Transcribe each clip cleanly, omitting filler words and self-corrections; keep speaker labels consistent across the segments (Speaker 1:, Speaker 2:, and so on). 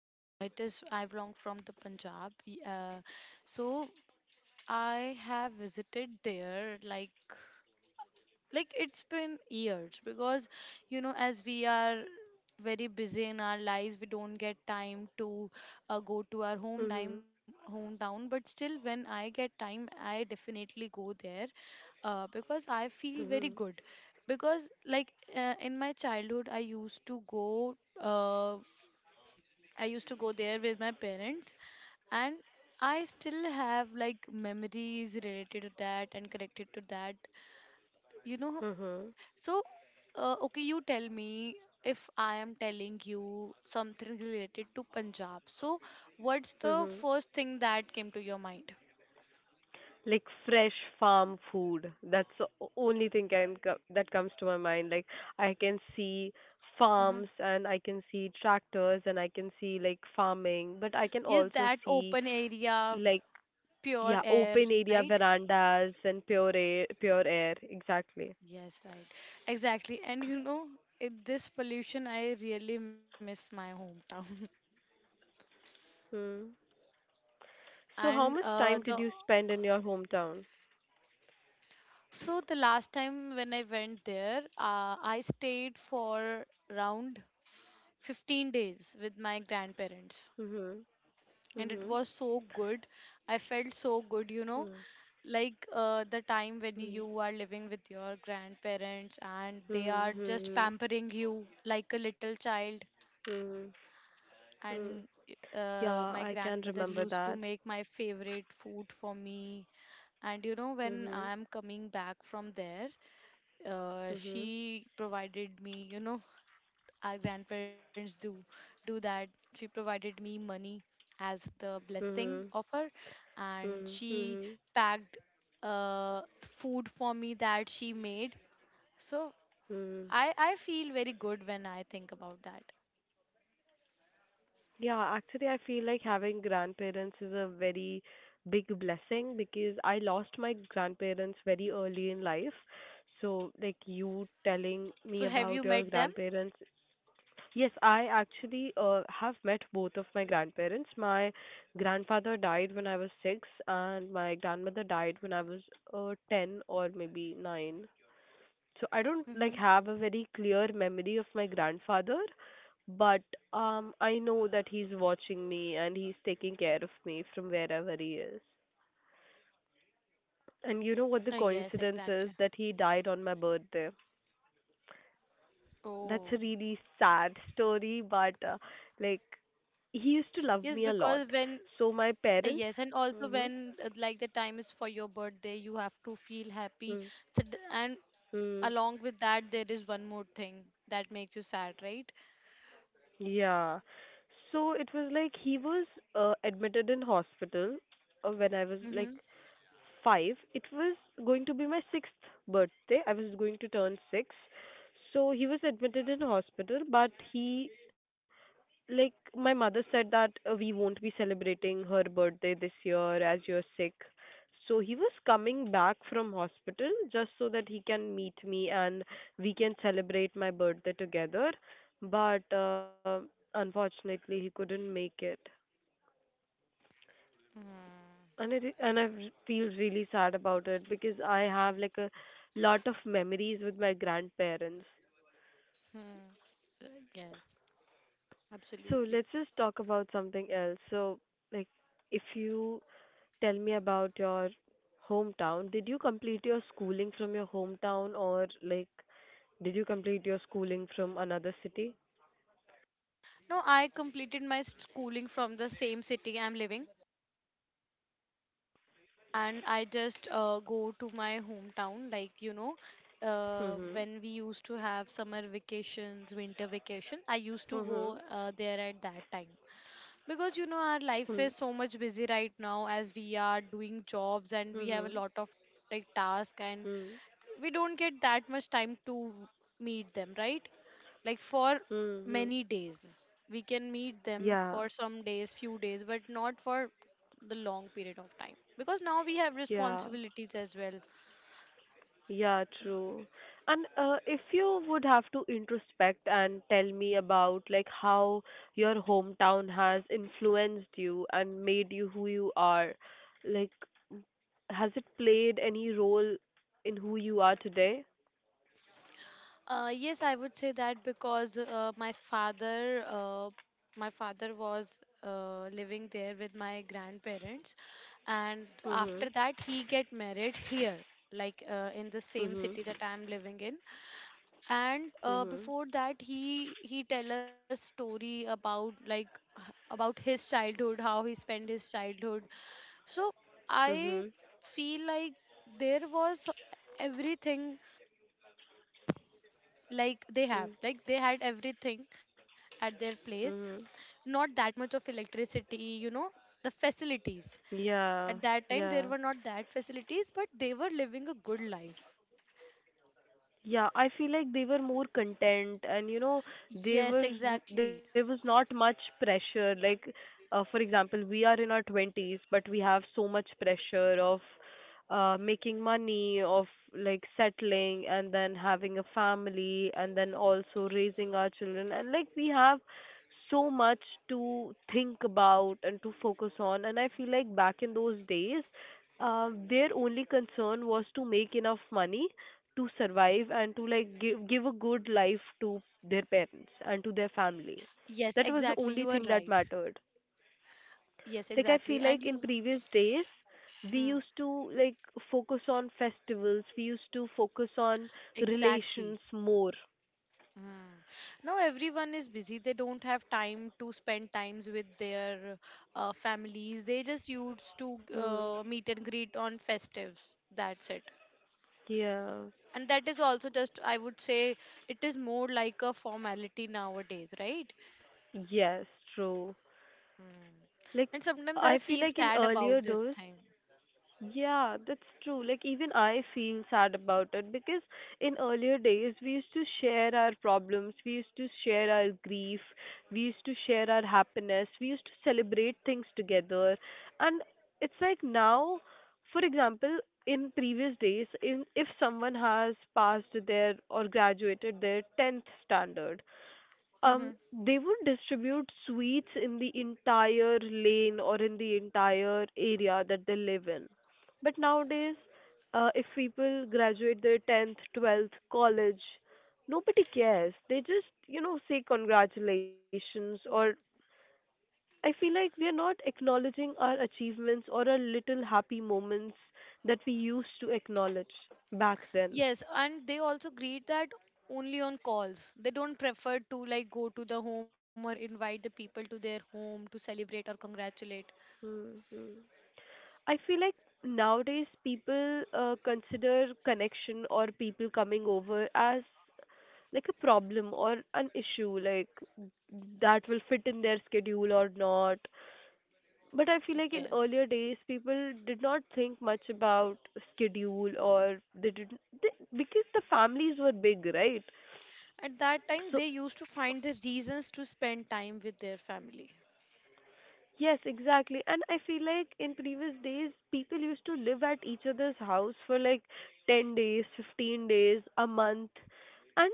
Speaker 1: It is I belong from the Punjab. So I have visited there like it's been years because you know, as we are very busy in our lives, we don't get time to go to our
Speaker 2: Mhm.
Speaker 1: hometown. But still, when I get time, I definitely go there, because I feel very
Speaker 2: Mhm.
Speaker 1: good. Because in my childhood I used to go there with my parents, and I still have like memories related to that and connected to that. You know,
Speaker 2: Mhm.
Speaker 1: So, okay, you tell me, if I am telling you something related to Punjab, so what's the
Speaker 2: Mhm.
Speaker 1: first thing that came to your mind?
Speaker 2: Like fresh farm food. That's the only thing that comes to my mind. Like, I can see farms
Speaker 1: Hmm.
Speaker 2: and I can see tractors and I can see like farming, but I can
Speaker 1: Yes,
Speaker 2: also
Speaker 1: that
Speaker 2: see
Speaker 1: open area,
Speaker 2: like,
Speaker 1: pure
Speaker 2: yeah,
Speaker 1: air,
Speaker 2: open area
Speaker 1: right?
Speaker 2: verandas and pure air, pure air. Exactly.
Speaker 1: Yes, right. Exactly. And you know, in this pollution, I really miss my hometown.
Speaker 2: Hmm. So how
Speaker 1: And
Speaker 2: much time
Speaker 1: the
Speaker 2: did you spend in your hometown?
Speaker 1: so the last time when I went there, I stayed for around 15 days with my grandparents.
Speaker 2: Mhm.
Speaker 1: And it
Speaker 2: Mhm.
Speaker 1: was so good. I felt so good, you know,
Speaker 2: Mhm.
Speaker 1: the time when
Speaker 2: Mhm.
Speaker 1: you are living with your grandparents and they are just
Speaker 2: Mhm.
Speaker 1: pampering you like a little child.
Speaker 2: Mhm. Mhm.
Speaker 1: And
Speaker 2: Yeah, I
Speaker 1: my
Speaker 2: can
Speaker 1: grandmother
Speaker 2: remember
Speaker 1: used
Speaker 2: that.
Speaker 1: to make my favorite food for me. And you know, when
Speaker 2: Mhm.
Speaker 1: I'm coming back from there,
Speaker 2: Mhm.
Speaker 1: she provided me, you know, our grandparents do that. She provided me money as the blessing
Speaker 2: Mhm.
Speaker 1: of her, and
Speaker 2: Mhm.
Speaker 1: she
Speaker 2: Mhm.
Speaker 1: packed food for me that she made. So
Speaker 2: Mhm.
Speaker 1: I feel very good when I think about that.
Speaker 2: Yeah, actually I feel like having grandparents is a very big blessing because I lost my grandparents very early in life. So like, you telling
Speaker 1: So
Speaker 2: me
Speaker 1: have you
Speaker 2: about your
Speaker 1: met them?
Speaker 2: grandparents. Yes, I actually have met both of my grandparents. My grandfather died when I was 6, and my grandmother died when I was 10 or maybe 9. So I don't like
Speaker 1: Mm-hmm.
Speaker 2: have a very clear memory of my grandfather, but I know that he's watching me and he's taking care of me from wherever he is. And you know what the
Speaker 1: Yes, exactly.
Speaker 2: coincidence is? That he died on my birthday. That's
Speaker 1: Oh,
Speaker 2: a really sad story, but like, he used to love
Speaker 1: yes,
Speaker 2: me a lot.
Speaker 1: because when
Speaker 2: So my parents.
Speaker 1: yes, and also
Speaker 2: Mhm.
Speaker 1: when like the time is for your birthday, you have to feel happy.
Speaker 2: Mm.
Speaker 1: So, and
Speaker 2: Hmm. Mm-hmm.
Speaker 1: along with that there is one more thing that makes you sad, right?
Speaker 2: Yeah. So it was like he was admitted in hospital when I was like
Speaker 1: Mm-hmm.
Speaker 2: five. It was going to be my sixth birthday. I was going to turn six. So he was admitted in hospital, but he, like, my mother said that we won't be celebrating her birthday this year as you're sick. So he was coming back from hospital just so that he can meet me and we can celebrate my birthday together. But unfortunately, he couldn't make it. And I feel really sad about it because I have like a lot of memories with my grandparents.
Speaker 1: Hmm, yes,
Speaker 2: So let's
Speaker 1: absolutely.
Speaker 2: just talk about something else. So, like, if you tell me about your hometown, did you complete your schooling from your hometown, or like, did you complete your schooling from another city?
Speaker 1: No, I completed my schooling from the same city I'm living, and I just go to my hometown, like, you know,
Speaker 2: Mhm.
Speaker 1: when we used to have summer vacations, winter vacation, I used to
Speaker 2: Mhm.
Speaker 1: go there at that time. Because you know, our
Speaker 2: Hmm.
Speaker 1: life is so much busy right now as we are doing jobs, and we have a
Speaker 2: Mhm.
Speaker 1: lot of like task, and
Speaker 2: Hmm.
Speaker 1: we don't get that much time to meet them, right? Like for
Speaker 2: Hmm. Hmm.
Speaker 1: many days. We can meet them
Speaker 2: Yeah.
Speaker 1: for some days, few days, but not for the long period of time, because now we have
Speaker 2: Yeah.
Speaker 1: responsibilities as well.
Speaker 2: Yeah, true. And if you would have to introspect and tell me about like how your hometown has influenced you and made you who you are, like, has it played any role in who you are today?
Speaker 1: Yes, I would say that. Because my father was living there with my grandparents, and
Speaker 2: Mhm.
Speaker 1: after that he get married here, in the same city
Speaker 2: Mhm.
Speaker 1: that I'm living in. And
Speaker 2: Mhm.
Speaker 1: before that he tell us story about like about his childhood, how he spent his childhood. So I
Speaker 2: Mhm.
Speaker 1: feel like there was everything. Like they have,
Speaker 2: Mhm.
Speaker 1: like they had everything at their place.
Speaker 2: Mhm.
Speaker 1: Not that much of electricity, you know, the facilities. At
Speaker 2: Yeah.
Speaker 1: that time, there
Speaker 2: Yeah.
Speaker 1: were not that facilities, but they were living a good life.
Speaker 2: Yeah, I feel like they were more content, and you know, they
Speaker 1: Yes,
Speaker 2: were there
Speaker 1: exactly.
Speaker 2: was not much pressure, like, for example, we are in our 20s, but we have so much pressure of making money, of like settling and then having a family and then also raising our children, and like, we have so much to think about and to focus on. And I feel like back in those days, their only concern was to make enough money to survive and to like give a good life to their parents and to their family.
Speaker 1: Yes,
Speaker 2: That
Speaker 1: exactly,
Speaker 2: was
Speaker 1: you
Speaker 2: the
Speaker 1: are
Speaker 2: only
Speaker 1: right.
Speaker 2: thing that mattered.
Speaker 1: Yes,
Speaker 2: Like, I
Speaker 1: exactly.
Speaker 2: feel
Speaker 1: And
Speaker 2: like in
Speaker 1: you,
Speaker 2: previous days we
Speaker 1: hmm,
Speaker 2: used to, like, focus on festivals, we used to focus on
Speaker 1: exactly.
Speaker 2: relations more.
Speaker 1: Hmm. Now everyone is busy. They don't have time to spend times with their families. They just used to
Speaker 2: Mm.
Speaker 1: meet and greet on festives. That's it.
Speaker 2: Yeah.
Speaker 1: And that is also just, I would say, it is more like a formality nowadays, right?
Speaker 2: Yes, true.
Speaker 1: Hmm.
Speaker 2: Like,
Speaker 1: And sometimes I
Speaker 2: I feel
Speaker 1: feel
Speaker 2: like in
Speaker 1: sad
Speaker 2: earlier
Speaker 1: about this
Speaker 2: days.
Speaker 1: thing.
Speaker 2: Yeah, that's true. Like, even I feel sad about it because in earlier days we used to share our problems, we used to share our grief, we used to share our happiness, we used to celebrate things together. And it's like now, for example, in previous days, in if someone has passed their or graduated their 10th standard, they would distribute sweets in the entire lane or in the entire area that they live in. But nowadays, if people graduate their 10th, 12th, college, nobody cares. They just, say congratulations. Or I feel like we are not acknowledging our achievements or our little happy moments that we used to acknowledge back then.
Speaker 1: Yes, and they also greet that only on calls. They don't prefer to like go to the home or invite the people to their home to celebrate or congratulate.
Speaker 2: Mm-hmm. I feel like nowadays, people consider connection or people coming over as like a problem or an issue, like, that will fit in their schedule or not. But I feel like in
Speaker 1: Yes.
Speaker 2: earlier days, people did not think much about schedule, or they didn't they, because the families were big, right?
Speaker 1: At that time,
Speaker 2: So,
Speaker 1: they used to find the reasons to spend time with their family.
Speaker 2: yes, exactly. And I feel like in previous days, people used to live at each other's house for like 10 days, 15 days, a month, and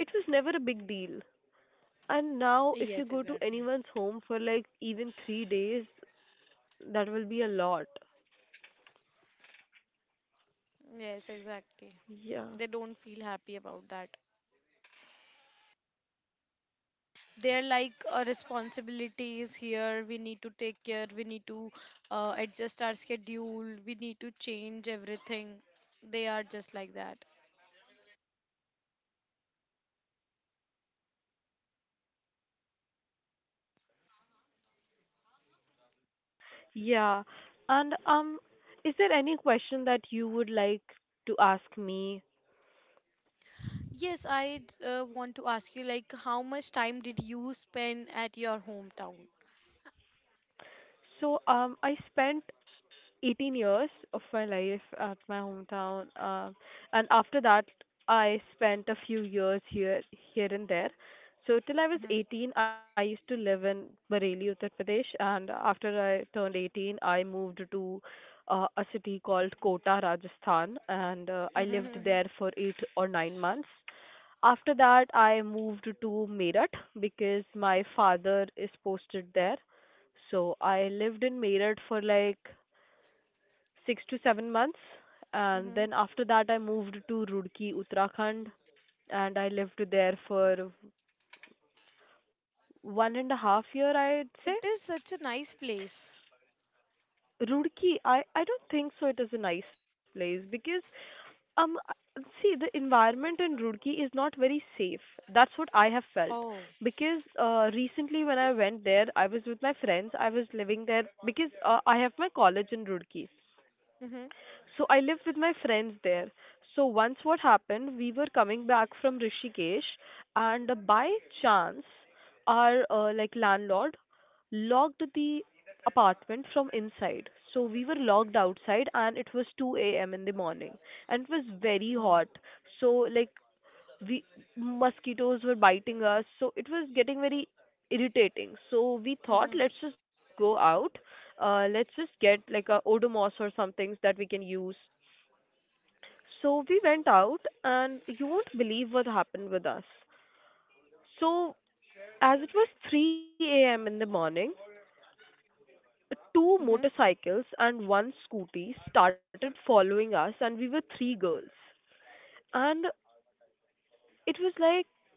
Speaker 2: it was never a big deal. And now, if you
Speaker 1: Yes,
Speaker 2: go to
Speaker 1: exactly.
Speaker 2: anyone's home for like even 3 days, that will be a lot.
Speaker 1: Yes, exactly.
Speaker 2: Yeah.
Speaker 1: They don't feel happy about that. They're like, a responsibility is here. We need to take care. We need to adjust our schedule. We need to change everything. They are just like that.
Speaker 2: Yeah. And is there any question that you would like to ask me?
Speaker 1: Yes, I want to ask you, like, how much time did you spend at your hometown?
Speaker 2: So, I spent 18 years of my life at my hometown, and after that, I spent a few years here, here and there. So till I was
Speaker 1: Mhm.
Speaker 2: 18, I used to live in Bareilly, Uttar Pradesh, and after I turned 18, I moved to a city called Kota, Rajasthan, and I lived
Speaker 1: Mm-hmm.
Speaker 2: there for 8 or 9 months. After that, I moved to Meerut because my father is posted there. So I lived in Meerut for like 6 to 7 months. And
Speaker 1: Mm-hmm.
Speaker 2: then after that, I moved to Roorkee, Uttarakhand, and I lived there for one and a half year, I'd say.
Speaker 1: It is such a nice place.
Speaker 2: Roorkee, I don't think so it is a nice place, because um see, the environment in Roorkee is not very safe. That's what I have felt,
Speaker 1: Oh.
Speaker 2: because recently, when I went there, I was with my friends. I was living there because I have my college in Roorkee.
Speaker 1: Mm-hmm.
Speaker 2: So I lived with my friends there. So once what happened, we were coming back from Rishikesh, and by chance, our like, landlord locked the apartment from inside. So we were locked outside, and it was 2 a.m. in the morning, and it was very
Speaker 1: Oh.
Speaker 2: hot. So, like, we mosquitoes were biting us, so it was getting very irritating. So we thought,
Speaker 1: Mm-hmm.
Speaker 2: let's just go out. Let's just get like a Odomos or some things that we can use, so we went out, and you won't believe what happened with us. So, as it was 3 a.m. in the morning, two
Speaker 1: Mm-hmm.
Speaker 2: motorcycles and one scooty started following us, and we were three girls. And it was like,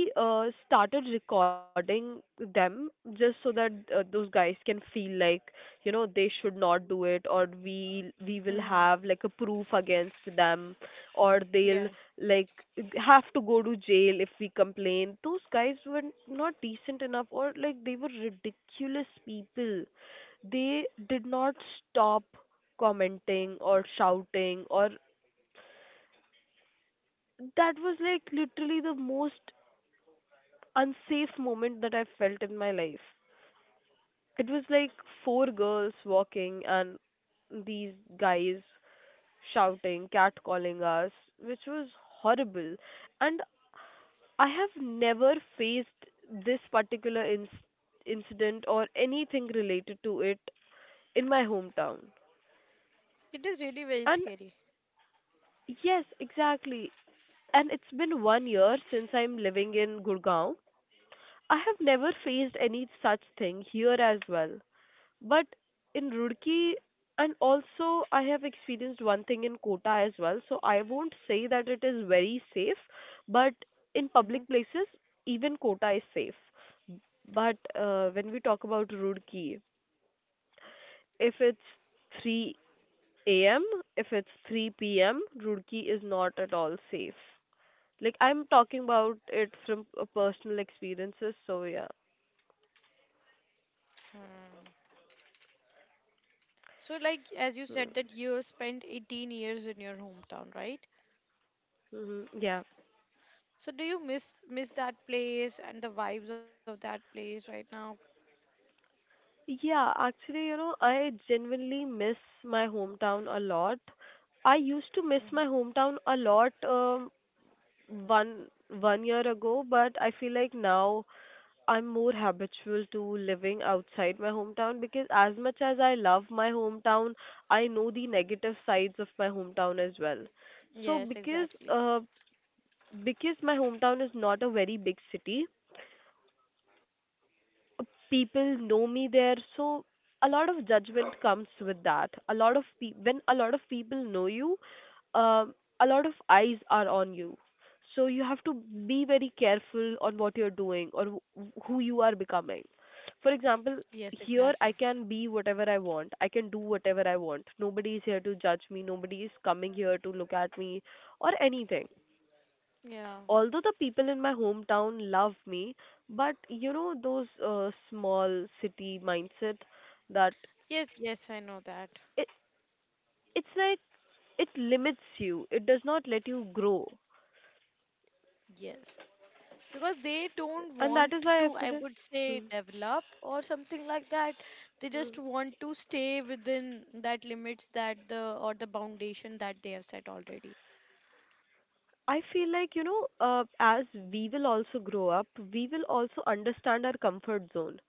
Speaker 2: we started recording them, just so that those guys can feel like, they should not do it, or we will have
Speaker 1: Mm.
Speaker 2: like a proof against them, or they'll
Speaker 1: Yeah,
Speaker 2: like have to go to jail if we complain. Those guys were not decent enough, or like, they were ridiculous people. They did not stop commenting or shouting, or that was like literally the most unsafe moment that I felt in my life. It was like four girls walking, and these guys shouting, catcalling us, which was horrible. And I have never faced this particular incident or anything related to it in my hometown.
Speaker 1: it is really very
Speaker 2: And
Speaker 1: scary.
Speaker 2: yes, exactly. And it's been one year since I'm living in Gurgaon. I have never faced any such thing here as well. But in Roorkee, and also I have experienced one thing in Kota as well, so I won't say that it is very safe, but in
Speaker 1: Mm-hmm.
Speaker 2: public places, even Kota is safe. But when we talk about Roorkee, if it's 3 a.m., if it's 3 p.m., Roorkee is not at all safe. Like, I'm talking about it from personal experiences, so yeah.
Speaker 1: Hmm. So, like, as you said that you spent 18 years in your hometown, right?
Speaker 2: Mm-hmm. Yeah.
Speaker 1: So, do you miss that place and the vibes of that place right now?
Speaker 2: Yeah, actually, I genuinely miss my hometown a lot. I used to miss
Speaker 1: Mhm.
Speaker 2: my hometown a lot, one one year ago, but I feel like now I'm more habitual to living outside my hometown, because as much as I love my hometown, I know the negative sides of my hometown as well. So,
Speaker 1: Yes, exactly.
Speaker 2: because my hometown is not a very big city, people know me there. So a lot of judgment comes with that. A lot of pe- When a lot of people know you, um, a lot of eyes are on you, so you have to be very careful on what you're doing or who you are becoming. For example,
Speaker 1: Yes,
Speaker 2: here I
Speaker 1: exactly.
Speaker 2: can be whatever I want, I can do whatever I want. Nobody is here to judge me, nobody is coming here to look at me or anything.
Speaker 1: Yeah.
Speaker 2: Although the people in my hometown love me, but you know, those small city mindset, that
Speaker 1: Yes, yes, I know that.
Speaker 2: it it's like, it limits you. It does not let you grow,
Speaker 1: Yes. Because they don't
Speaker 2: and that
Speaker 1: want
Speaker 2: is why I
Speaker 1: to, I
Speaker 2: feel like,
Speaker 1: would say,
Speaker 2: hmm,
Speaker 1: develop or something like that. They just want to stay within that limits that the, or the foundation that they have set already.
Speaker 2: I feel like, as we will also grow up, we will also understand our comfort zone.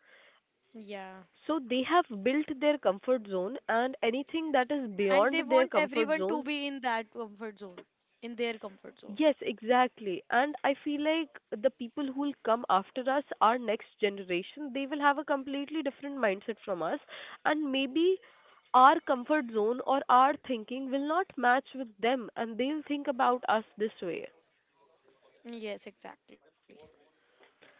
Speaker 1: Yeah.
Speaker 2: So they have built their comfort zone, and anything that is
Speaker 1: And they
Speaker 2: beyond
Speaker 1: want
Speaker 2: their
Speaker 1: everyone
Speaker 2: comfort
Speaker 1: to
Speaker 2: zone,
Speaker 1: be in that comfort zone, in their comfort zone.
Speaker 2: yes, exactly. And I feel like the people who will come after us, our next generation, they will have a completely different mindset from us. And maybe our comfort zone or our thinking will not match with them, and they'll think about us this way.
Speaker 1: Yes, exactly.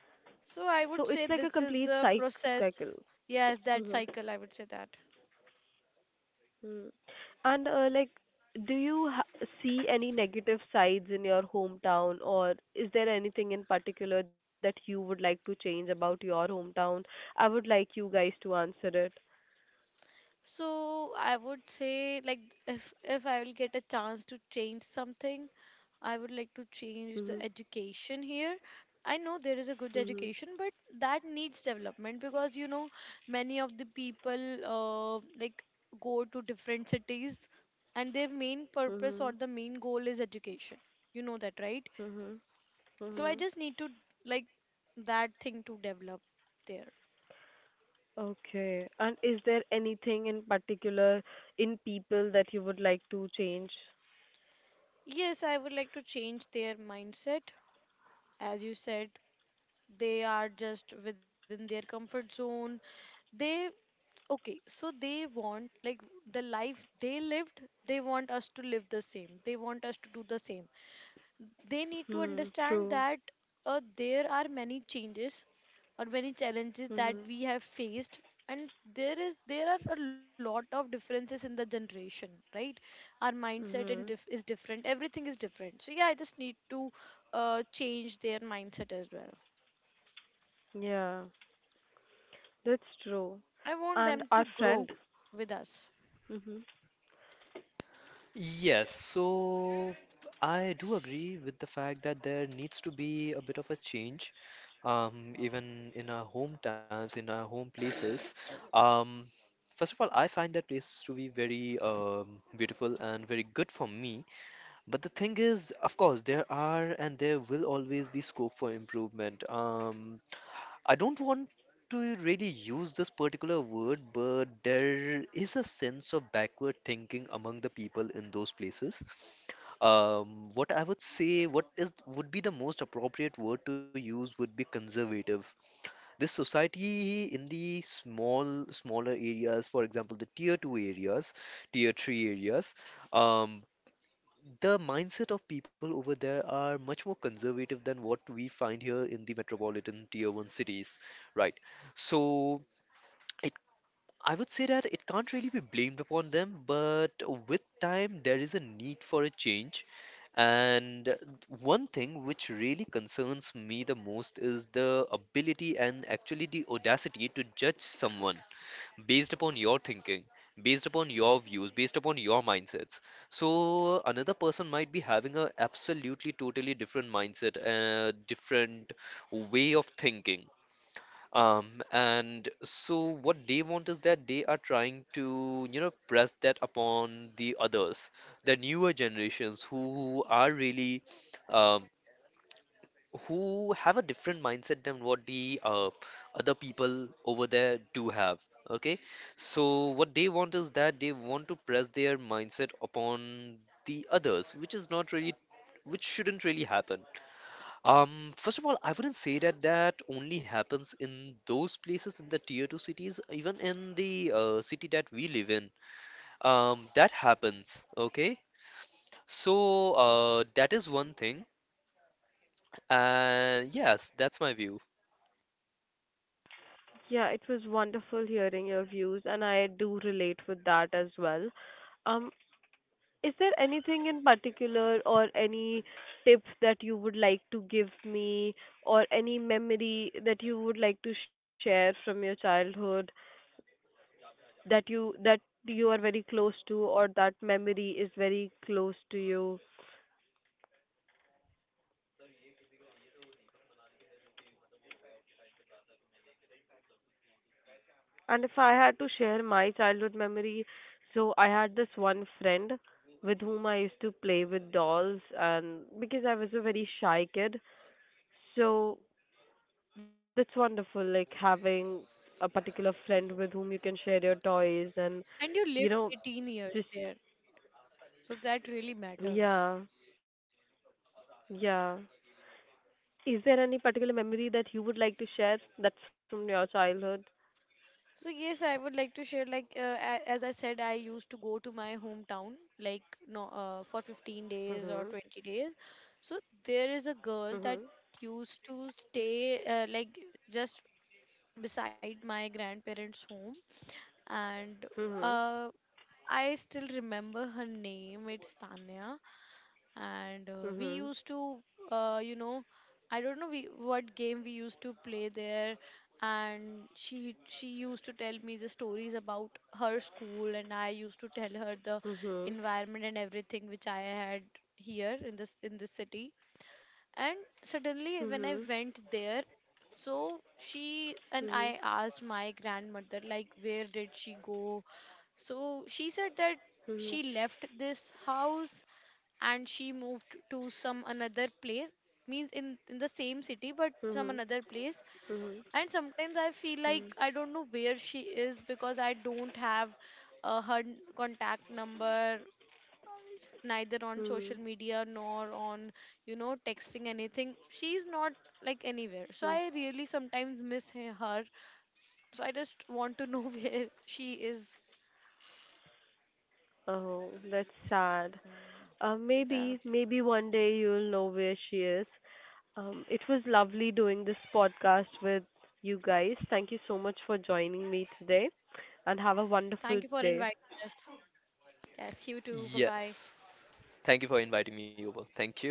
Speaker 1: So I would say
Speaker 2: So it's
Speaker 1: this
Speaker 2: like a
Speaker 1: is
Speaker 2: complete
Speaker 1: a
Speaker 2: psych
Speaker 1: process.
Speaker 2: cycle.
Speaker 1: Yes, that
Speaker 2: Hmm.
Speaker 1: cycle, I would say that.
Speaker 2: Mm. And like, do you see any negative sides in your hometown, or is there anything in particular that you would like to change about your hometown? I would like you guys to answer it.
Speaker 1: So I would say like, if I will get a chance to change something, I would like to change the
Speaker 2: Mhm.
Speaker 1: education here. I know there is a good
Speaker 2: Mhm.
Speaker 1: education, but that needs development. Because you know, many of the people like go to different cities, and their main purpose or
Speaker 2: Mhm.
Speaker 1: the main goal is education. You know that, right?
Speaker 2: Mhm.
Speaker 1: So I
Speaker 2: Mhm.
Speaker 1: just need to like that thing to develop there.
Speaker 2: Okay. And is there anything in particular in people that you would like to change?
Speaker 1: Yes, I would like to change their mindset. As you said, they are just within their comfort zone. They, okay, so they want like the life they lived, they want us to live the same, they want us to do the same. They need to
Speaker 2: Hmm.
Speaker 1: understand
Speaker 2: True.
Speaker 1: that there are many changes or many challenges that
Speaker 2: Mhm.
Speaker 1: we have faced, and there are a lot of differences in the generation, right? Our mindset and
Speaker 2: Mhm.
Speaker 1: is different, everything is different. So yeah, I just need to change their mindset as well.
Speaker 2: Yeah. That's true.
Speaker 1: I want
Speaker 2: And
Speaker 1: them
Speaker 2: our
Speaker 1: to
Speaker 2: friend.
Speaker 1: grow with us.
Speaker 2: Mhm.
Speaker 3: Yes, so I do agree with the fact that there needs to be a bit of a change, even in our hometowns, in our home places. Um, First of all, I find that place to be very beautiful and very good for me. But the thing is, of course, there are and there will always be scope for improvement. I don't want to really use this particular word, but there is a sense of backward thinking among the people in those places. What I would say, what is would be the most appropriate word to use would be conservative. This society in the smaller areas, for example, the tier two areas, tier three areas, um, the mindset of people over there are much more conservative than what we find here in the metropolitan tier one cities, right? So it, I would say that it can't really be blamed upon them, but with time there is a need for a change. And one thing which really concerns me the most is the ability and actually the audacity to judge someone based upon your thinking, based upon your views, based upon your mindsets. So another person might be having a absolutely totally different mindset, a different way of thinking. And so what they want is that they are trying to, press that upon the others, the newer generations who are really, um, who have a different mindset than what the other people over there do have. Okay, so what they want is that they want to press their mindset upon the others, which is not really, which shouldn't really happen. Um, First of all, I wouldn't say that that only happens in those places in the tier two cities, even in the city that we live in. That happens. Okay, so that is one thing, and yes, that's my view.
Speaker 2: Yeah, it was wonderful hearing your views, and I do relate with that as well. Um, is there anything in particular or any tips that you would like to give me, or any memory that you would like to share from your childhood that you are very close to, or that memory is very close to you? And if I had to share my childhood memory, so I had this one friend with whom I used to play with dolls, and because I was a very shy kid, so that's wonderful, like having a particular friend with whom you can share your toys and,
Speaker 1: And you
Speaker 2: you
Speaker 1: lived
Speaker 2: know,
Speaker 1: 18
Speaker 2: just,
Speaker 1: years there, so that really
Speaker 2: yeah,
Speaker 1: matters.
Speaker 2: yeah. Is there any particular memory that you would like to share that's from your childhood?
Speaker 1: So yes, I would like to share like as I said, I used to go to my hometown like, no, for 15 days or
Speaker 2: Mhm.
Speaker 1: 20 days. So there is a girl that
Speaker 2: Mhm.
Speaker 1: used to stay like just beside my grandparents' home, and
Speaker 2: Mhm.
Speaker 1: uh, I still remember her name. It's Tanya. And we
Speaker 2: Mhm.
Speaker 1: used to you know, I don't know we, what game we used to play there. And she used to tell me the stories about her school, and I used to tell her the
Speaker 2: Mhm.
Speaker 1: environment and everything which I had here in this city. And suddenly when
Speaker 2: Mhm.
Speaker 1: I went there, so she, and
Speaker 2: Mhm.
Speaker 1: I asked my grandmother, like, where did she go? So she said that she
Speaker 2: Mhm.
Speaker 1: left this house and she moved to some another place. Means in the same city, but some
Speaker 2: Mhm.
Speaker 1: another place.
Speaker 2: Mhm.
Speaker 1: And sometimes I feel like
Speaker 2: Mhm.
Speaker 1: I don't know where she is, because I don't have her contact number, neither on social
Speaker 2: Mhm.
Speaker 1: media nor on, you know, texting, anything. She's not like anywhere. So
Speaker 2: Mhm.
Speaker 1: I really sometimes miss her. So I just want to know where she is.
Speaker 2: Oh, that's sad.
Speaker 1: Mm,
Speaker 2: Uh,
Speaker 1: yeah,
Speaker 2: maybe, maybe one day you'll know where she is. It was lovely doing this podcast with you guys. Thank you so much for joining me today, and have a
Speaker 1: thank you
Speaker 2: wonderful
Speaker 1: for
Speaker 2: day.
Speaker 1: inviting us. Yes, you too, bye bye.
Speaker 3: Yes. Thank you for inviting me over. Thank you.